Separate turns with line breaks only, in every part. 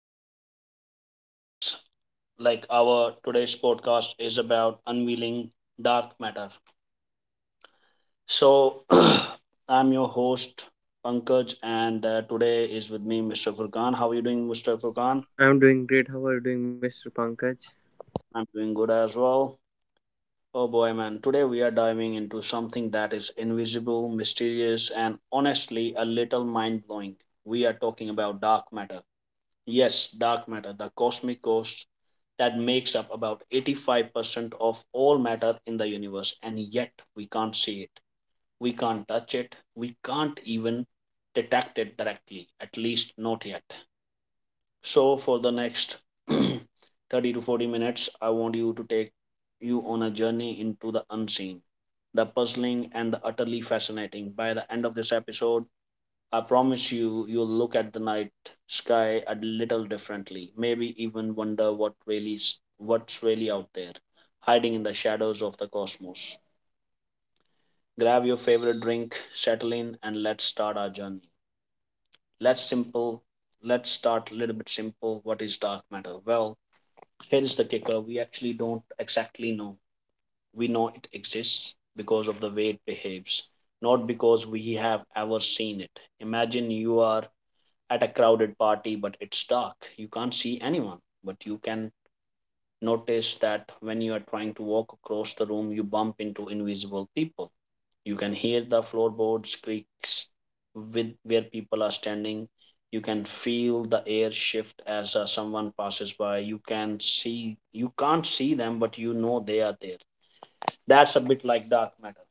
to Into the Darkness. Like our today's podcast is about unveiling dark matter. So I'm your host Pankaj, and today is with me Mr. Furkan. How are you doing, Mr. Furkan?
I'm doing great. How are you doing, Mr. Pankaj?
I'm doing good as well. Oh boy, man! Today we are diving into something that is invisible, mysterious, and honestly a little mind blowing. We are talking about dark matter. Yes, dark matter, the cosmic ghost that makes up about 85% of all matter in the universe, and yet we can't see it, we can't touch it, we can't even detect it directly, at least not yet. So, for the next 30 to 40 minutes, I want you to take you on a journey into the unseen, the puzzling, and the utterly fascinating. By the end of this episode, I promise you, you'll look at the night sky a little differently. Maybe even wonder what's really out there, hiding in the shadows of the cosmos. Grab your favorite drink, settle in, and let's start our journey. Let's simple. Let's start a little bit simple. What is dark matter? Well, here is the kicker. We actually don't exactly know. We know it exists because of the way it behaves, not because we have ever seen it. Imagine you are at a crowded party, but it's dark. You can't see anyone, but you can notice that when you are trying to walk across the room, you bump into invisible people. You can hear the floorboards creaks with where people are standing. You can feel the air shift as someone passes by. You can't see them, but you know they are there. That's a bit like dark matter.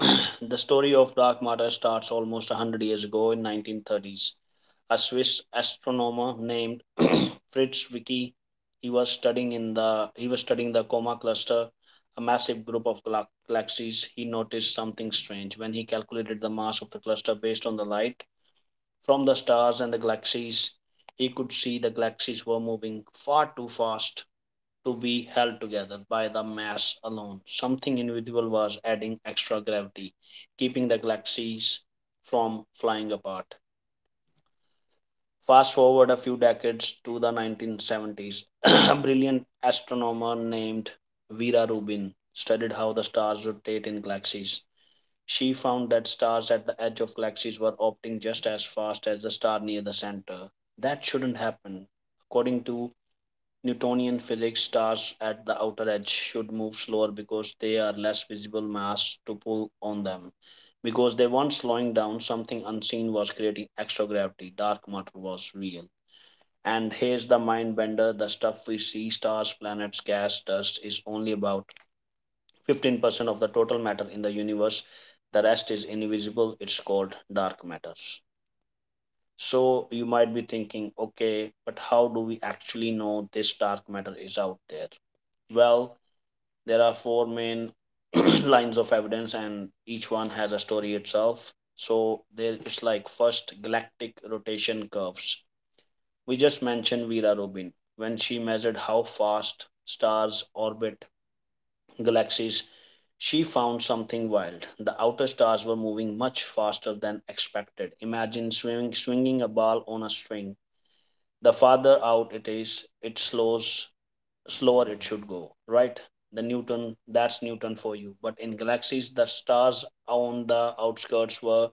The story of dark matter starts almost 100 years ago in 1930s. A swiss astronomer named Fritz Zwicky, he was studying the Coma Cluster, a massive group of galaxies. He noticed something strange. When he calculated the mass of the cluster based on the light from the stars and the galaxies, he could see the galaxies were moving far too fast to be held together by the mass alone. Something invisible was adding extra gravity, keeping the galaxies from flying apart. Fast forward a few decades to the 1970s, a brilliant astronomer named Vera Rubin studied how the stars rotate in galaxies. She found that stars at the edge of galaxies were opting just as fast as the star near the center. That shouldn't happen. According to Newtonian physics, stars at the outer edge should move slower because they are less visible mass to pull on them. Because they weren't slowing down, something unseen was creating extra gravity. Dark matter was real. And here's the mind bender: the stuff we see, stars, planets, gas, dust, is only about 15% of the total matter in the universe. The rest is invisible, it's called dark matter. So you might be thinking, okay, but how do we actually know this dark matter is out there? Well, there are four main lines of evidence, and each one has a story itself. So there it's like first, galactic rotation curves. We just mentioned Vera Rubin. When she measured how fast stars orbit galaxies, she found something wild. The outer stars were moving much faster than expected. Imagine swinging a ball on a string. The farther out it is, slower it should go, right? The Newton, that's Newton for you. But in galaxies, the stars on the outskirts were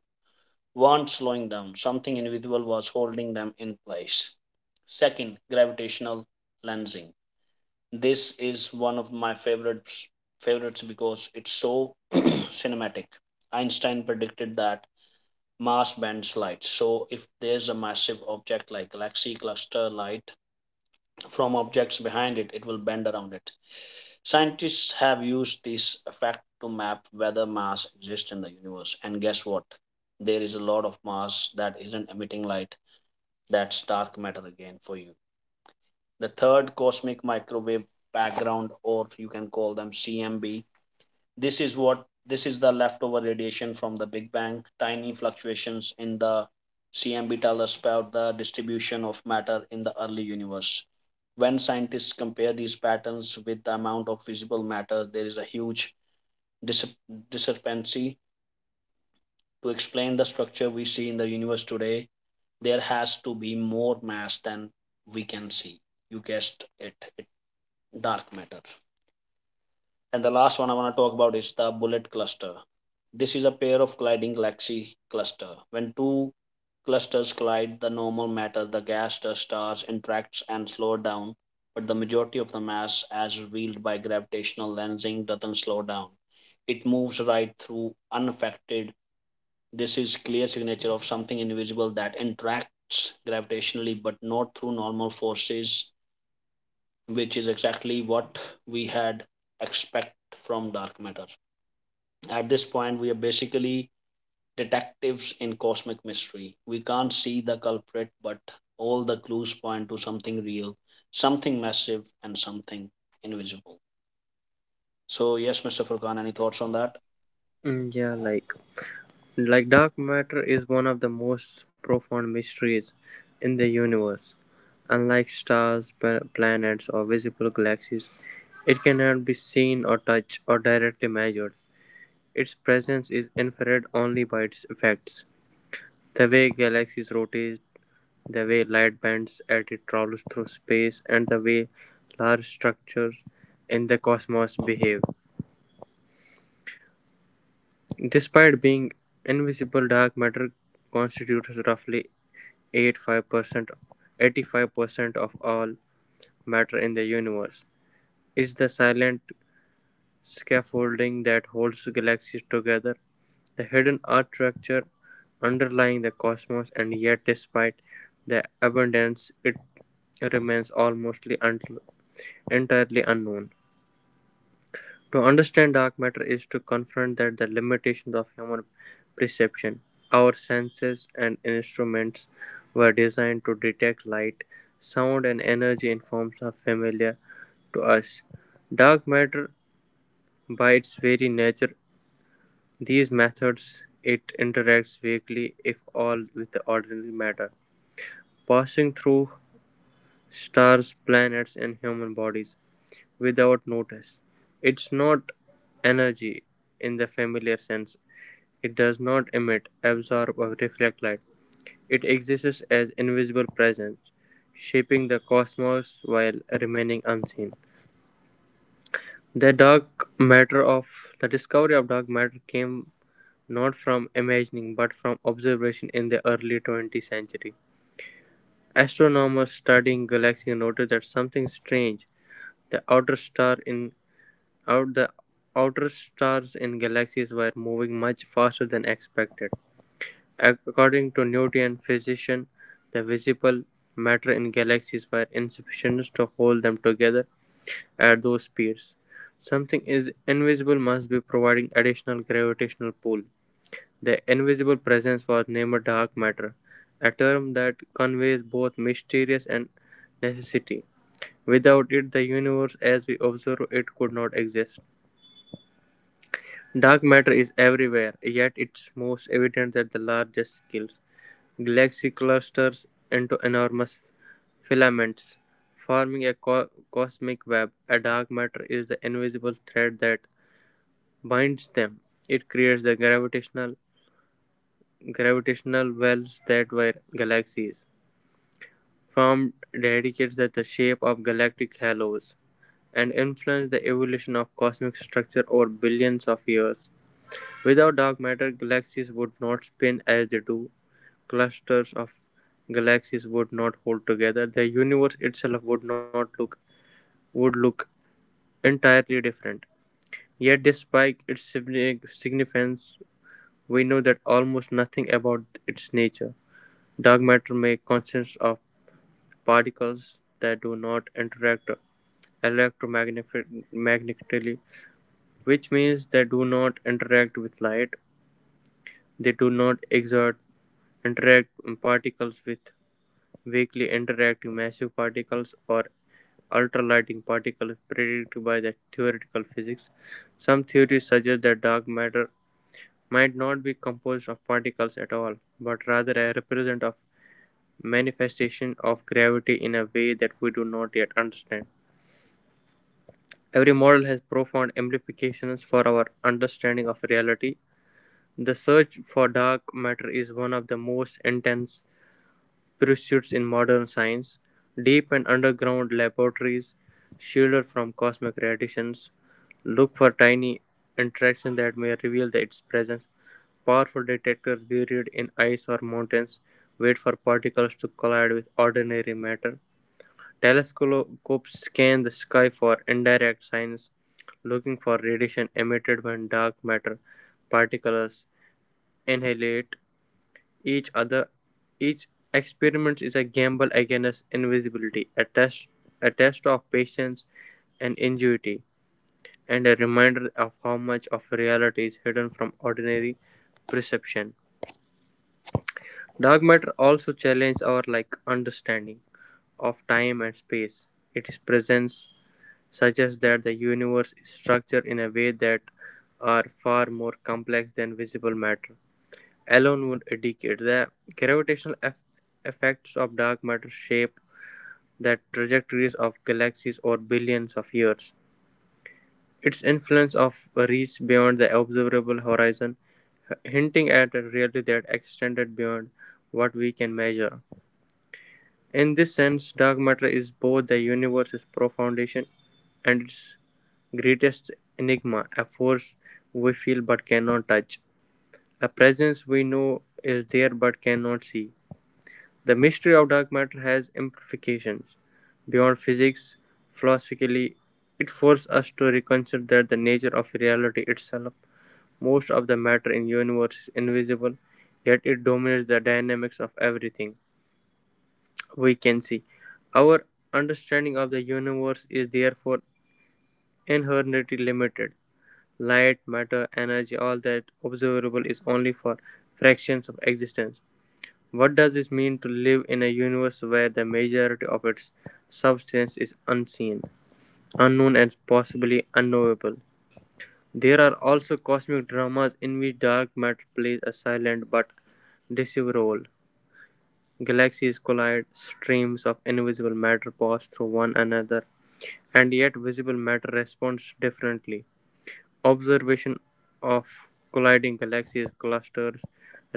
weren't slowing down. Something invisible was holding them in place. Second, gravitational lensing. This is one of my favorites because it's so cinematic. Einstein predicted that mass bends light. So if there's a massive object like galaxy cluster, light from objects behind it, it will bend around it. Scientists have used this effect to map whether mass exists in the universe. And guess what? There is a lot of mass that isn't emitting light. That's dark matter again for you. The third, cosmic microwave background, or you can call them CMB. This is the leftover radiation from the Big Bang. Tiny fluctuations in the CMB tell us about the distribution of matter in the early universe. When scientists compare these patterns with the amount of visible matter, there is a huge dis- discrepancy. To explain the structure we see in the universe today, there has to be more mass than we can see. You guessed it, it dark matter. And the last one I want to talk about is the bullet cluster. This is a pair of colliding galaxy cluster. When two clusters collide, the normal matter, the gas, the stars interacts and slow down, but the majority of the mass, as revealed by gravitational lensing, doesn't slow down. It moves right through unaffected. This is clear signature of something invisible that interacts gravitationally but not through normal forces, which is exactly what we had expect from dark matter. At this point, we are basically detectives in cosmic mystery. We can't see the culprit, but all the clues point to something real, something massive, and something invisible. So, yes, Mr. Furkan, any thoughts on that?
Yeah, like dark matter is one of the most profound mysteries in the universe. Unlike stars, planets, or visible galaxies, it cannot be seen or touched or directly measured. Its presence is inferred only by its effects. The way galaxies rotate, the way light bends as it travels through space, and the way large structures in the cosmos behave. Despite being invisible, dark matter constitutes roughly 85 percent 85% of all matter in the universe. It's the silent scaffolding that holds galaxies together, the hidden architecture underlying the cosmos, and yet, despite the abundance, it remains entirely unknown. To understand dark matter is to confront that the limitations of human perception. Our senses and instruments were designed to detect light, sound, and energy in forms of familiar to us. Dark matter, by its very nature, these methods it interacts weakly, if all, with the ordinary matter, passing through stars, planets, and human bodies without notice. It's not energy in the familiar sense. It does not emit, absorb, or reflect light. It exists as invisible presence, shaping the cosmos while remaining unseen. The dark matter of the discovery of dark matter came not from imagining but from observation in the early 20th century. Astronomers studying galaxies noticed that something strange. The outer star in the outer stars in galaxies were moving much faster than expected. According to Newtonian physics, the visible matter in galaxies were insufficient to hold them together at those speeds. Something is invisible must be providing additional gravitational pull. The invisible presence was named dark matter, a term that conveys both mysterious and necessity. Without it, the universe as we observe it could not exist. Dark matter is everywhere, yet it's most evident at the largest scales. Galaxy clusters into enormous filaments, forming a cosmic web. A dark matter is the invisible thread that binds them. It creates the gravitational wells that were galaxies formed, dedicates that the shape of galactic halos, and influence the evolution of cosmic structure over billions of years. Without dark matter, galaxies would not spin as they do. Clusters of galaxies would not hold together, the universe itself would not look would look entirely different. Yet, despite its significance, we know that almost nothing about its nature. Dark matter may consist of particles that do not interact electromagnetically, which means they do not interact with light. They do not exert interact particles with weakly interacting massive particles or ultralighting particles predicted by the theoretical physics. Some theories suggest that dark matter might not be composed of particles at all, but rather a represent of manifestation of gravity in a way that we do not yet understand. Every model has profound implications for our understanding of reality. The search for dark matter is one of the most intense pursuits in modern science. Deep and underground laboratories shielded from cosmic radiations, look for tiny interactions that may reveal its presence. Powerful detectors buried in ice or mountains wait for particles to collide with ordinary matter. Telescopes scan the sky for indirect signs, looking for radiation emitted when dark matter particles annihilate each other. Each experiment is a gamble against invisibility, a test of patience and ingenuity, and a reminder of how much of reality is hidden from ordinary perception. Dark matter also challenges our like understanding of time and space. Its presence suggests that the universe is structured in a way that are far more complex than visible matter alone would indicate. The gravitational eff- effects of dark matter shape the trajectories of galaxies over billions of years. Its influence of reaches beyond the observable horizon, hinting at a reality that extended beyond what we can measure. In this sense, dark matter is both the universe's profoundation and its greatest enigma, a force we feel but cannot touch, a presence we know is there but cannot see. The mystery of dark matter has implications beyond physics. Philosophically, it forces us to reconsider the nature of reality itself. Most of the matter in the universe is invisible, yet it dominates the dynamics of everything we can see. Our understanding of the universe is therefore inherently limited. Light, matter, energy, all that observable is only for fractions of existence. What does this mean to live in a universe where the majority of its substance is unseen, unknown, and possibly unknowable? There are also cosmic dramas in which dark matter plays a silent but decisive role. Galaxies collide, streams of invisible matter pass through one another, and yet visible matter responds differently. Observation of colliding galaxies clusters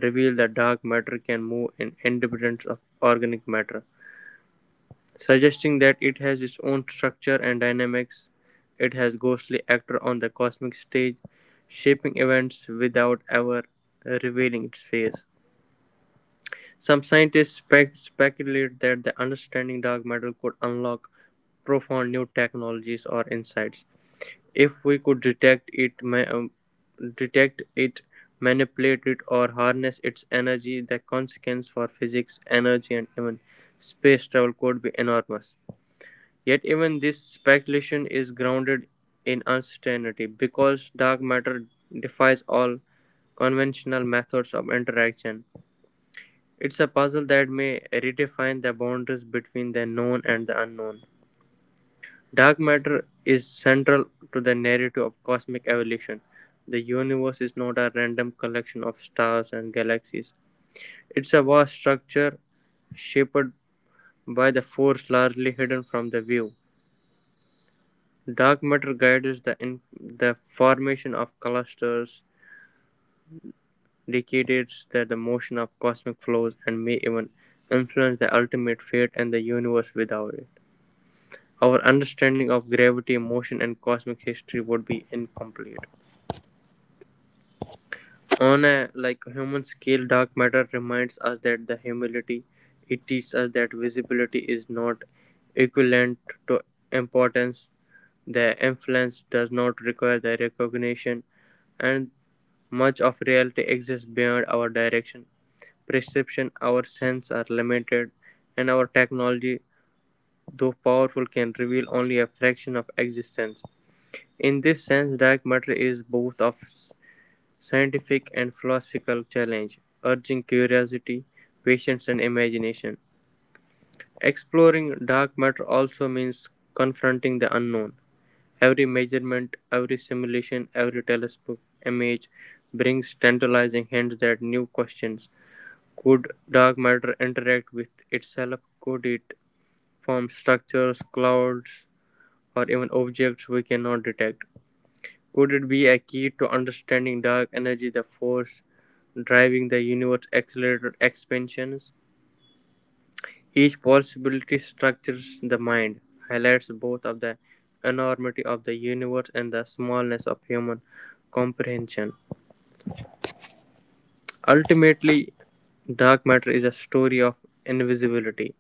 reveal that dark matter can move in independence of organic matter, suggesting that it has its own structure and dynamics. It has ghostly actor on the cosmic stage, shaping events without ever revealing its face. Some scientists speculate that the understanding dark matter could unlock profound new technologies or insights. If we could um, detect it, manipulate it, or harness its energy, the consequence for physics, energy, and even space travel could be enormous. Yet even this speculation is grounded in uncertainty because dark matter defies all conventional methods of interaction. It's a puzzle that may redefine the boundaries between the known and the unknown. Dark matter is central to the narrative of cosmic evolution. The universe is not a random collection of stars and galaxies. It's a vast structure shaped by the force largely hidden from the view. Dark matter guides the in the formation of clusters, dictates the motion of cosmic flows, and may even influence the ultimate fate and the universe without it. Our understanding of gravity, motion, and cosmic history would be incomplete. On a like human scale, dark matter reminds us that the humility it teaches us that visibility is not equivalent to importance. The influence does not require the recognition, and much of reality exists beyond our direction, perception. Our senses are limited, and our technology, though powerful, can reveal only a fraction of existence. In this sense, dark matter is both of scientific and philosophical challenge, urging curiosity, patience, and imagination. Exploring dark matter also means confronting the unknown. Every measurement, every simulation, every telescope image brings tantalizing hints that new questions. Could dark matter interact with itself? Could it form structures, clouds, or even objects we cannot detect? Could it be a key to understanding dark energy, the force driving the universe's accelerated expansions? Each possibility structures the mind, highlights both of the enormity of the universe and the smallness of human comprehension. Ultimately, dark matter is a story of invisibility.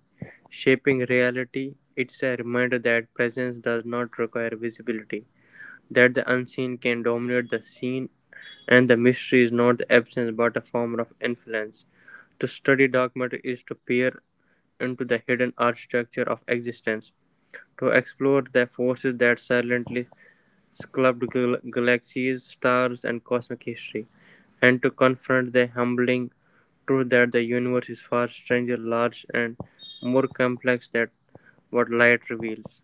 Shaping reality, it's a reminder that presence does not require visibility, that the unseen can dominate the seen, and the mystery is not the absence but a form of influence. To study documentary is to peer into the hidden architecture of existence, to explore the forces that silently sculpt galaxies, stars, and cosmic history, and to confront the humbling truth that the universe is far stranger, large, and more complex than what light reveals.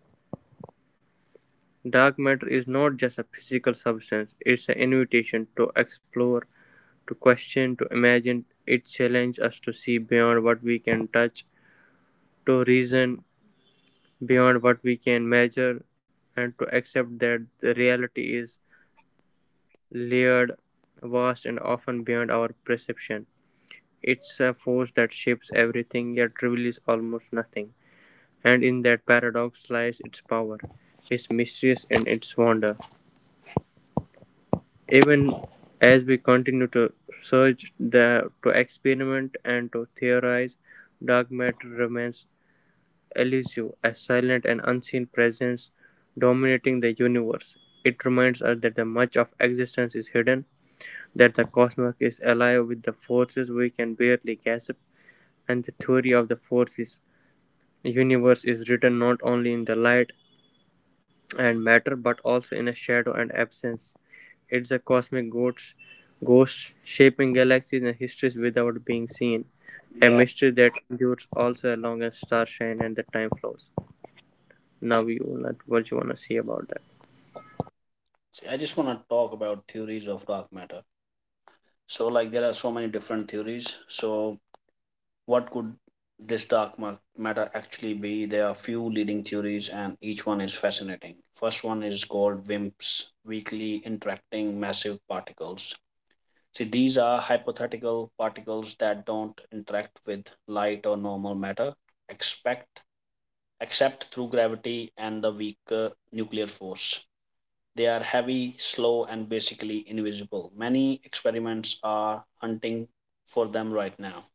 Dark matter is not just a physical substance, it's an invitation to explore, to question, to imagine. It challenges us to see beyond what we can touch, to reason beyond what we can measure, and to accept that the reality is layered, vast, and often beyond our perception. It's a force that shapes everything yet reveals almost nothing, and in that paradox lies its power, its mysterious and its wonder. Even as we continue to search the to experiment and to theorize, dark matter remains elusive, a silent and unseen presence dominating the universe. It reminds us that the much of existence is hidden. That the cosmos is alive with the forces we can barely grasp, and the theory of the forces universe is written not only in the light and matter but also in a shadow and absence. It's a cosmic ghost, shaping galaxies and histories without being seen. A
Yeah.
mystery that endures also along as stars shine and the time flows. Now you not what you wanna say about that.
See, I just want to talk about theories of dark matter. So like there are so many different theories. So what could this dark matter actually be? There are few leading theories and each one is fascinating. First one is called WIMPs, weakly interacting massive particles. See, these are hypothetical particles that don't interact with light or normal matter, expect except through gravity and the weaker nuclear force. They are heavy, slow, and basically invisible. Many experiments are hunting for them right now.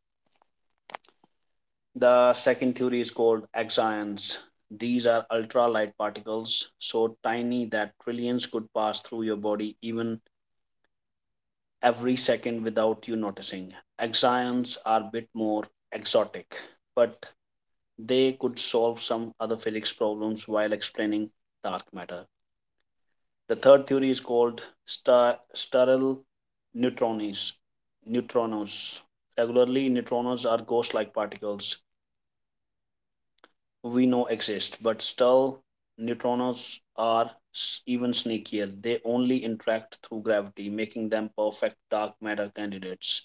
The second theory is called axions. These are ultralight particles, so tiny that trillions could pass through your body even every second without you noticing. Axions are a bit more exotic, but they could solve some other physics problems while explaining dark matter. The third theory is called sterile neutrons. Neutrinos. Regularly, neutrinos are ghost-like particles we know exist, but sterile neutrinos are even sneakier. They only interact through gravity, making them perfect dark matter candidates.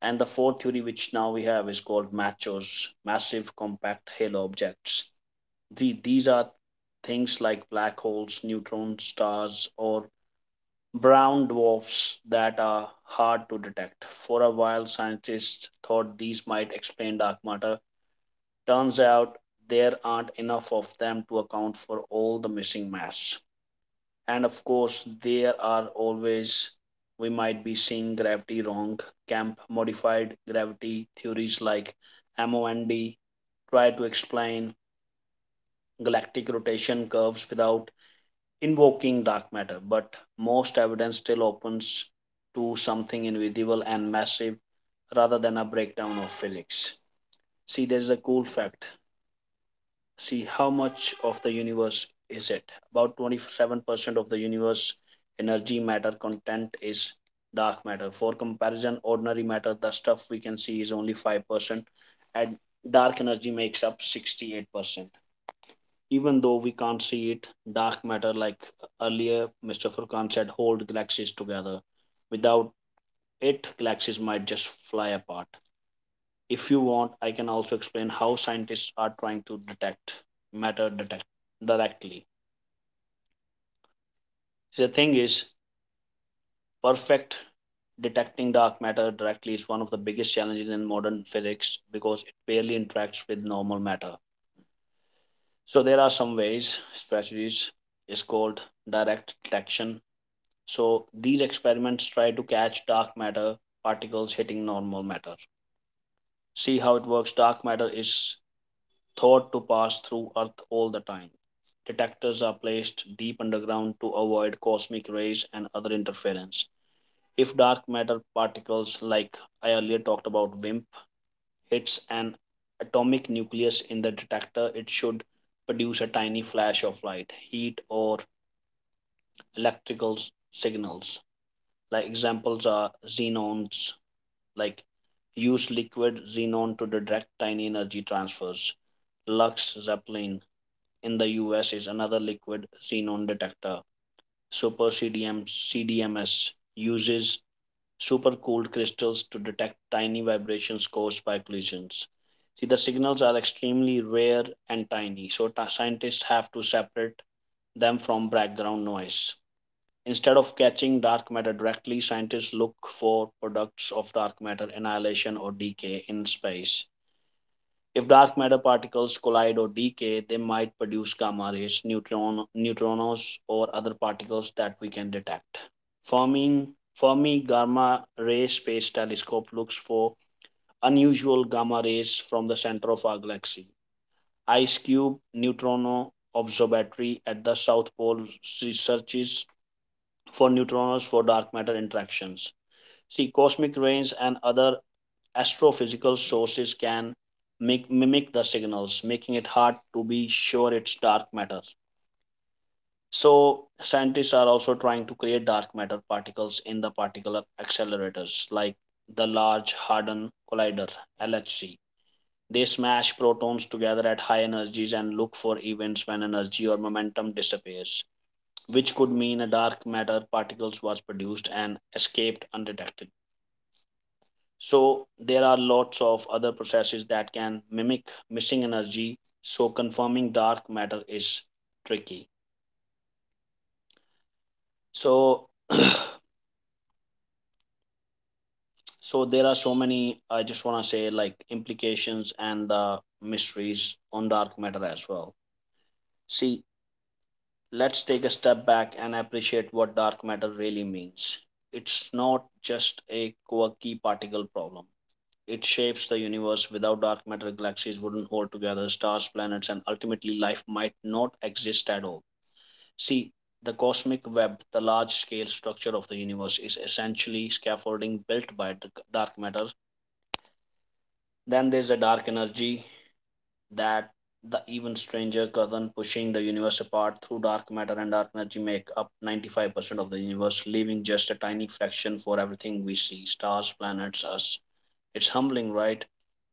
And the fourth theory, which now we have, is called MACHOs, massive compact halo objects. These are things like black holes, neutron stars, or brown dwarfs that are hard to detect. For a while, scientists thought these might explain dark matter. Turns out there aren't enough of them to account for all the missing mass. And of course, there are always we might be seeing gravity wrong, camp modified gravity theories like MOND try to explain galactic rotation curves without invoking dark matter, but most evidence still opens to something invisible and massive rather than a breakdown of physics. See, there's a cool fact. See, how much of the universe is it? About 27% of the universe energy matter content is dark matter. For comparison, ordinary matter, the stuff we can see, is only 5%, and dark energy makes up 68%. Even though we can't see it, dark matter, like earlier Mr. Furkan said, hold galaxies together. Without it, galaxies might just fly apart. If you want, I can also explain how scientists are trying to detect directly. The thing is, perfect detecting dark matter directly is one of the biggest challenges in modern physics because it barely interacts with normal matter. So there are some ways, strategies is called direct detection. So these experiments try to catch dark matter particles hitting normal matter. See how it works. Dark matter is thought to pass through Earth all the time. Detectors are placed deep underground to avoid cosmic rays and other interference. If dark matter particles, like I earlier talked about WIMP, hits an atomic nucleus in the detector, it should produce a tiny flash of light, heat, or electrical signals. Like examples are xenons, like use liquid xenon to direct tiny energy transfers. Lux Zeppelin in the US is another liquid xenon detector. Super CDM CDMS uses supercooled crystals to detect tiny vibrations caused by collisions. See, the signals are extremely rare and tiny, so scientists have to separate them from background noise. Instead of catching dark matter directly, scientists look for products of dark matter annihilation or decay in space. If dark matter particles collide or decay, they might produce gamma rays, neutron, neutrinos, or other particles that we can detect. Fermi Fermi Gamma Ray Space Telescope looks for unusual gamma rays from the center of our galaxy. IceCube Neutrino Observatory at the South Pole researches for neutrinos for dark matter interactions. See, cosmic rays and other astrophysical sources can mimic the signals, making it hard to be sure it's dark matter. So, scientists are also trying to create dark matter particles in the particular accelerators like the Large Hadron Collider LHC. They smash protons together at high energies and look for events when energy or momentum disappears, which could mean a dark matter particles was produced and escaped undetected. So there are lots of other processes that can mimic missing energy. So confirming dark matter is tricky. So so there are so many, I just wanna say, like, implications and the mysteries on dark matter as well. See, let's take a step back and appreciate what dark matter really means. It's not just a quirky particle problem. It shapes the universe. Without dark matter, galaxies wouldn't hold together, stars, planets, and ultimately life might not exist at all. See, the cosmic web, the large scale structure of the universe, is essentially scaffolding built by dark matter. Then there's a dark energy that the even stranger cousin pushing the universe apart through dark matter and dark energy make up 95% of the universe, leaving just a tiny fraction for everything we see, stars, planets, us, it's humbling, right?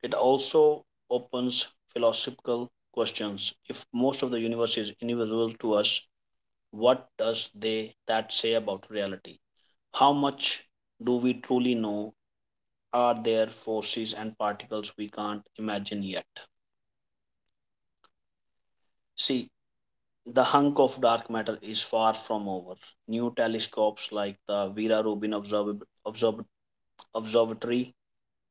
It also opens philosophical questions. If most of the universe is invisible to us, what does they that say about reality? How much do we truly know? Are there forces and particles we can't imagine yet? See, the hunk of dark matter is far from over. New telescopes like the Vera Rubin Observatory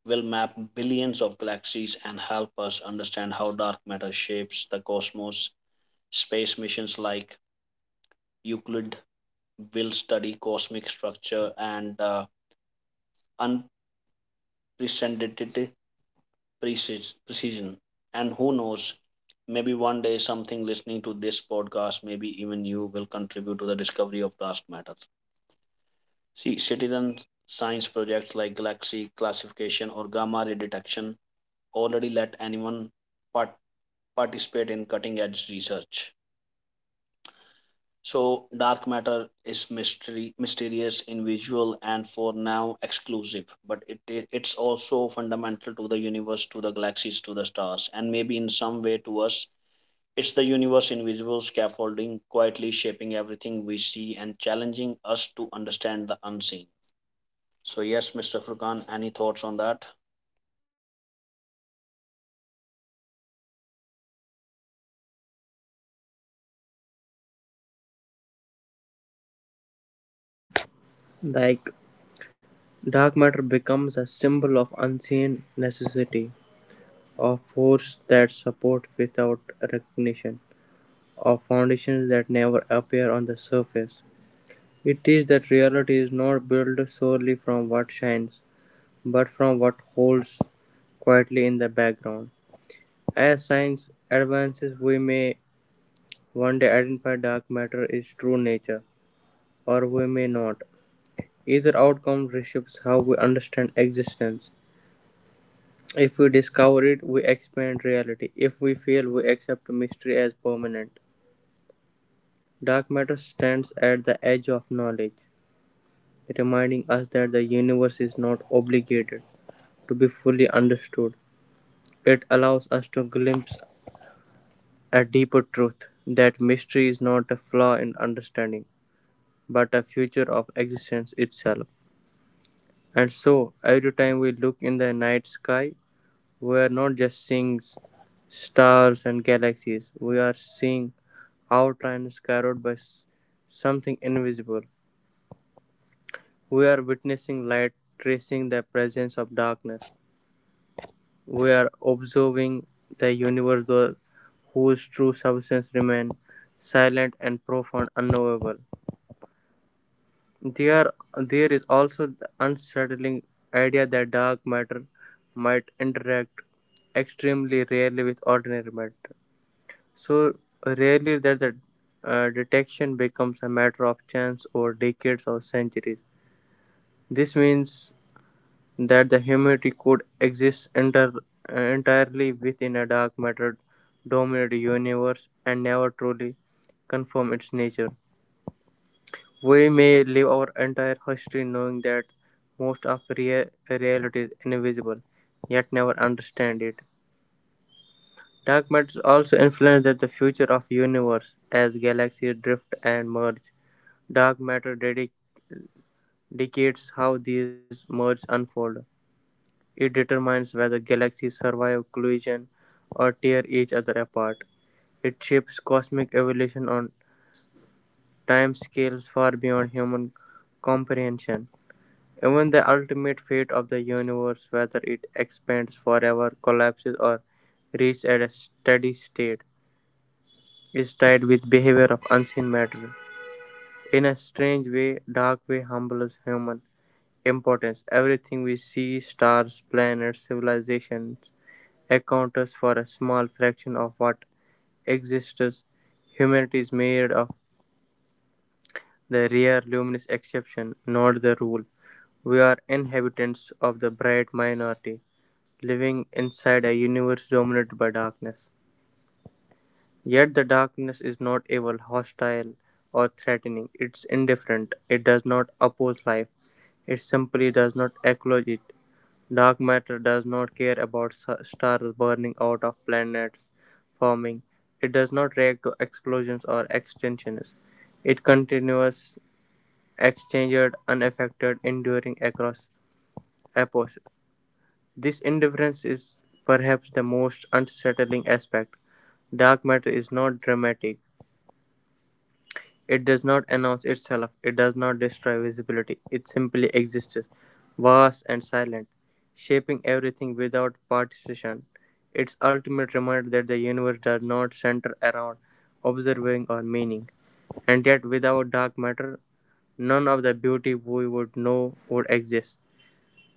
will map billions of galaxies and help us understand how dark matter shapes the cosmos. Space missions like Euclid will study cosmic structure and unprecedented precision. And who knows, maybe one day something listening to this podcast, maybe even you, will contribute to the discovery of dark matter. See, citizen science projects like galaxy classification or gamma ray detection already let anyone but participate in cutting edge research. So, dark matter is mystery, mysterious, invisible, and for now exclusive. It's also fundamental to the universe, to the galaxies, to the stars, and maybe in some way to us. It's the universe invisible scaffolding, quietly shaping everything we see and challenging us to understand the unseen. So, yes, Mr. Furkan, any thoughts on that?
Like dark matter becomes a symbol of unseen necessity. Of forces that support without recognition, of foundations that never appear on the surface. It is that reality is not built solely from what shines, but from what holds quietly in the background. As science advances, we may one day identify dark matter its true nature, or we may not. Either outcome reshapes how we understand existence. If we discover it, we expand reality. If we fail, we accept mystery as permanent. Dark matter stands at the edge of knowledge, reminding us that the universe is not obligated to be fully understood. It allows us to glimpse a deeper truth that mystery is not a flaw in understanding, but a feature of existence itself. And so, every time we look in the night sky, we are not just seeing stars and galaxies, we are seeing outlines carried by something invisible. We are witnessing light tracing the presence of darkness. We are observing the universe whose true substance remains silent and profound, unknowable. There is also the unsettling idea that dark matter might interact extremely rarely with ordinary matter. So rarely that the detection becomes a matter of chance over decades or centuries. This means that the humanity could entirely within a dark matter dominated universe and never truly confirm its nature. We may live our entire history knowing that most of reality is invisible, yet never understand it. Dark matter also influences the future of universe as galaxies drift and merge. Dark matter dedicates how these merges unfold. It determines whether galaxies survive collision or tear each other apart. It shapes cosmic evolution on timescales far beyond human comprehension. Even the ultimate fate of the universe, whether it expands forever, collapses, or reaches at a steady state, is tied with behavior of unseen matter. In a strange way, dark way humbles human importance. Everything we see stars, planets, civilization, accounts for a small fraction of what exists. Humanity is made of the rare luminous exception, not the rule. We are inhabitants of the bright minority, living inside a universe dominated by darkness. Yet the darkness is not evil, hostile, or threatening. It's indifferent. It does not oppose life. It simply does not acknowledge it. Dark matter does not care about stars burning out of planets forming. It does not react to explosions or extinctions. It continues exchanged, unaffected, enduring across epochs. This indifference is perhaps the most unsettling aspect. Dark matter is not dramatic. It does not announce itself, it does not destroy visibility, it simply exists, vast and silent, shaping everything without participation. Its ultimate reminder that the universe does not center around observing or meaning, and yet without dark matter, none of the beauty we would know would exist.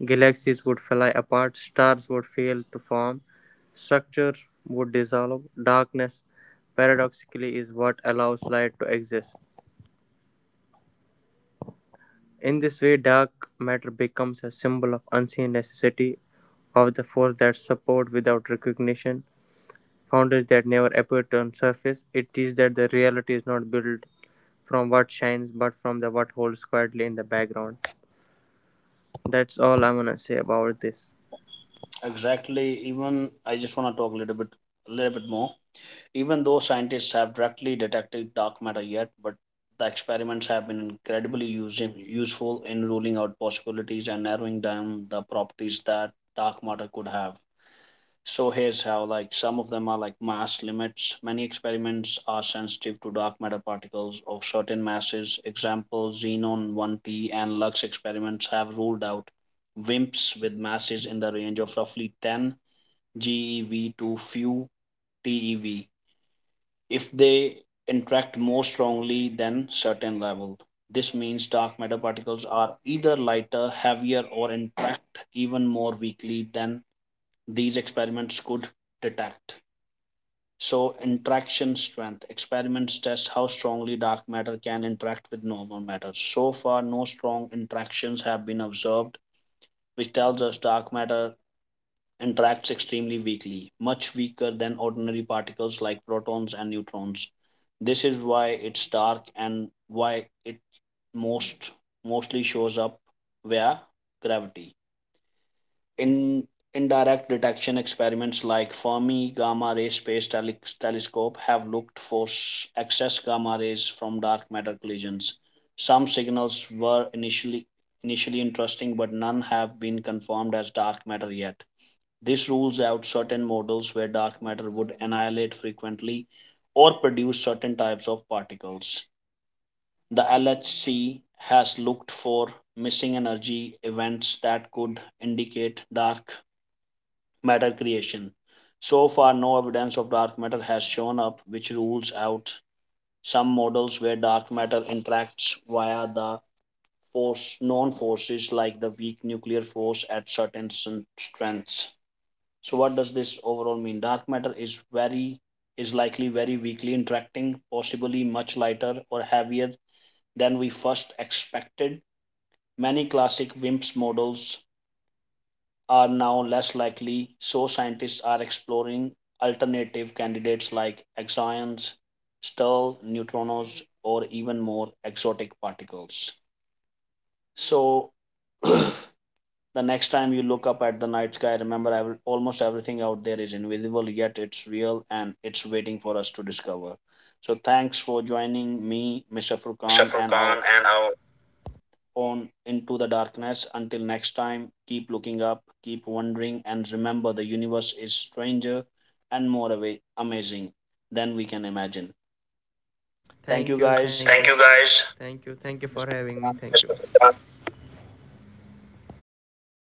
Galaxies would fly apart, stars would fail to form, structures would dissolve, darkness paradoxically is what allows light to exist. In this way dark matter becomes a symbol of unseen necessity of the force that support without recognition, boundaries that never appear to on surface. It teaches that the reality is not built from what shines but from the what holds quietly in the background. That's all I'm gonna say about this.
Exactly. Even I just want to talk a little bit more. Even though scientists have directly detected dark matter yet, but the experiments have been incredibly using useful in ruling out possibilities and narrowing down the properties that dark matter could have. So here's how, like, some of them are like mass limits. Many experiments are sensitive to dark matter particles of certain masses. Example, xenon 1T and Lux experiments have ruled out WIMPs with masses in the range of roughly 10 GeV to few TeV if they interact more strongly than certain level. This means dark matter particles are either lighter, heavier, or interact even more weakly than these experiments could detect. So, interaction strength experiments test how strongly dark matter can interact with normal matter. So far, no strong interactions have been observed, which tells us dark matter interacts extremely weakly, much weaker than ordinary particles like protons and neutrons. This is why it's dark and why it most mostly shows up via gravity. In indirect detection experiments like Fermi Gamma Ray Space Telescope have looked for excess gamma rays from dark matter collisions. Some signals were initially interesting, but none have been confirmed as dark matter yet. This rules out certain models where dark matter would annihilate frequently or produce certain types of particles. The LHC has looked for missing energy events that could indicate dark matter creation. So far, no evidence of dark matter has shown up, which rules out some models where dark matter interacts via the force known forces like the weak nuclear force at certain strengths. So what does this overall mean? Dark matter is very is likely very weakly interacting, possibly much lighter or heavier than we first expected. Many classic WIMPs models are now less likely, so scientists are exploring alternative candidates like axions, stirl, neutrinos, or even more exotic particles. So The next time you look up at the night sky, remember almost everything out there is invisible, yet it's real and it's waiting for us to discover. So, thanks for joining me, Mr. Furkan, and
Mr.
our
Furkan and our
own Into the Darkness. Until next time, keep looking up, keep wondering, and remember the universe is stranger and more amazing than we can imagine. Thank you,
thank you,
guys.
thank you. You guys. Thank you for
Mr.
having me.
Furkan.
Thank you.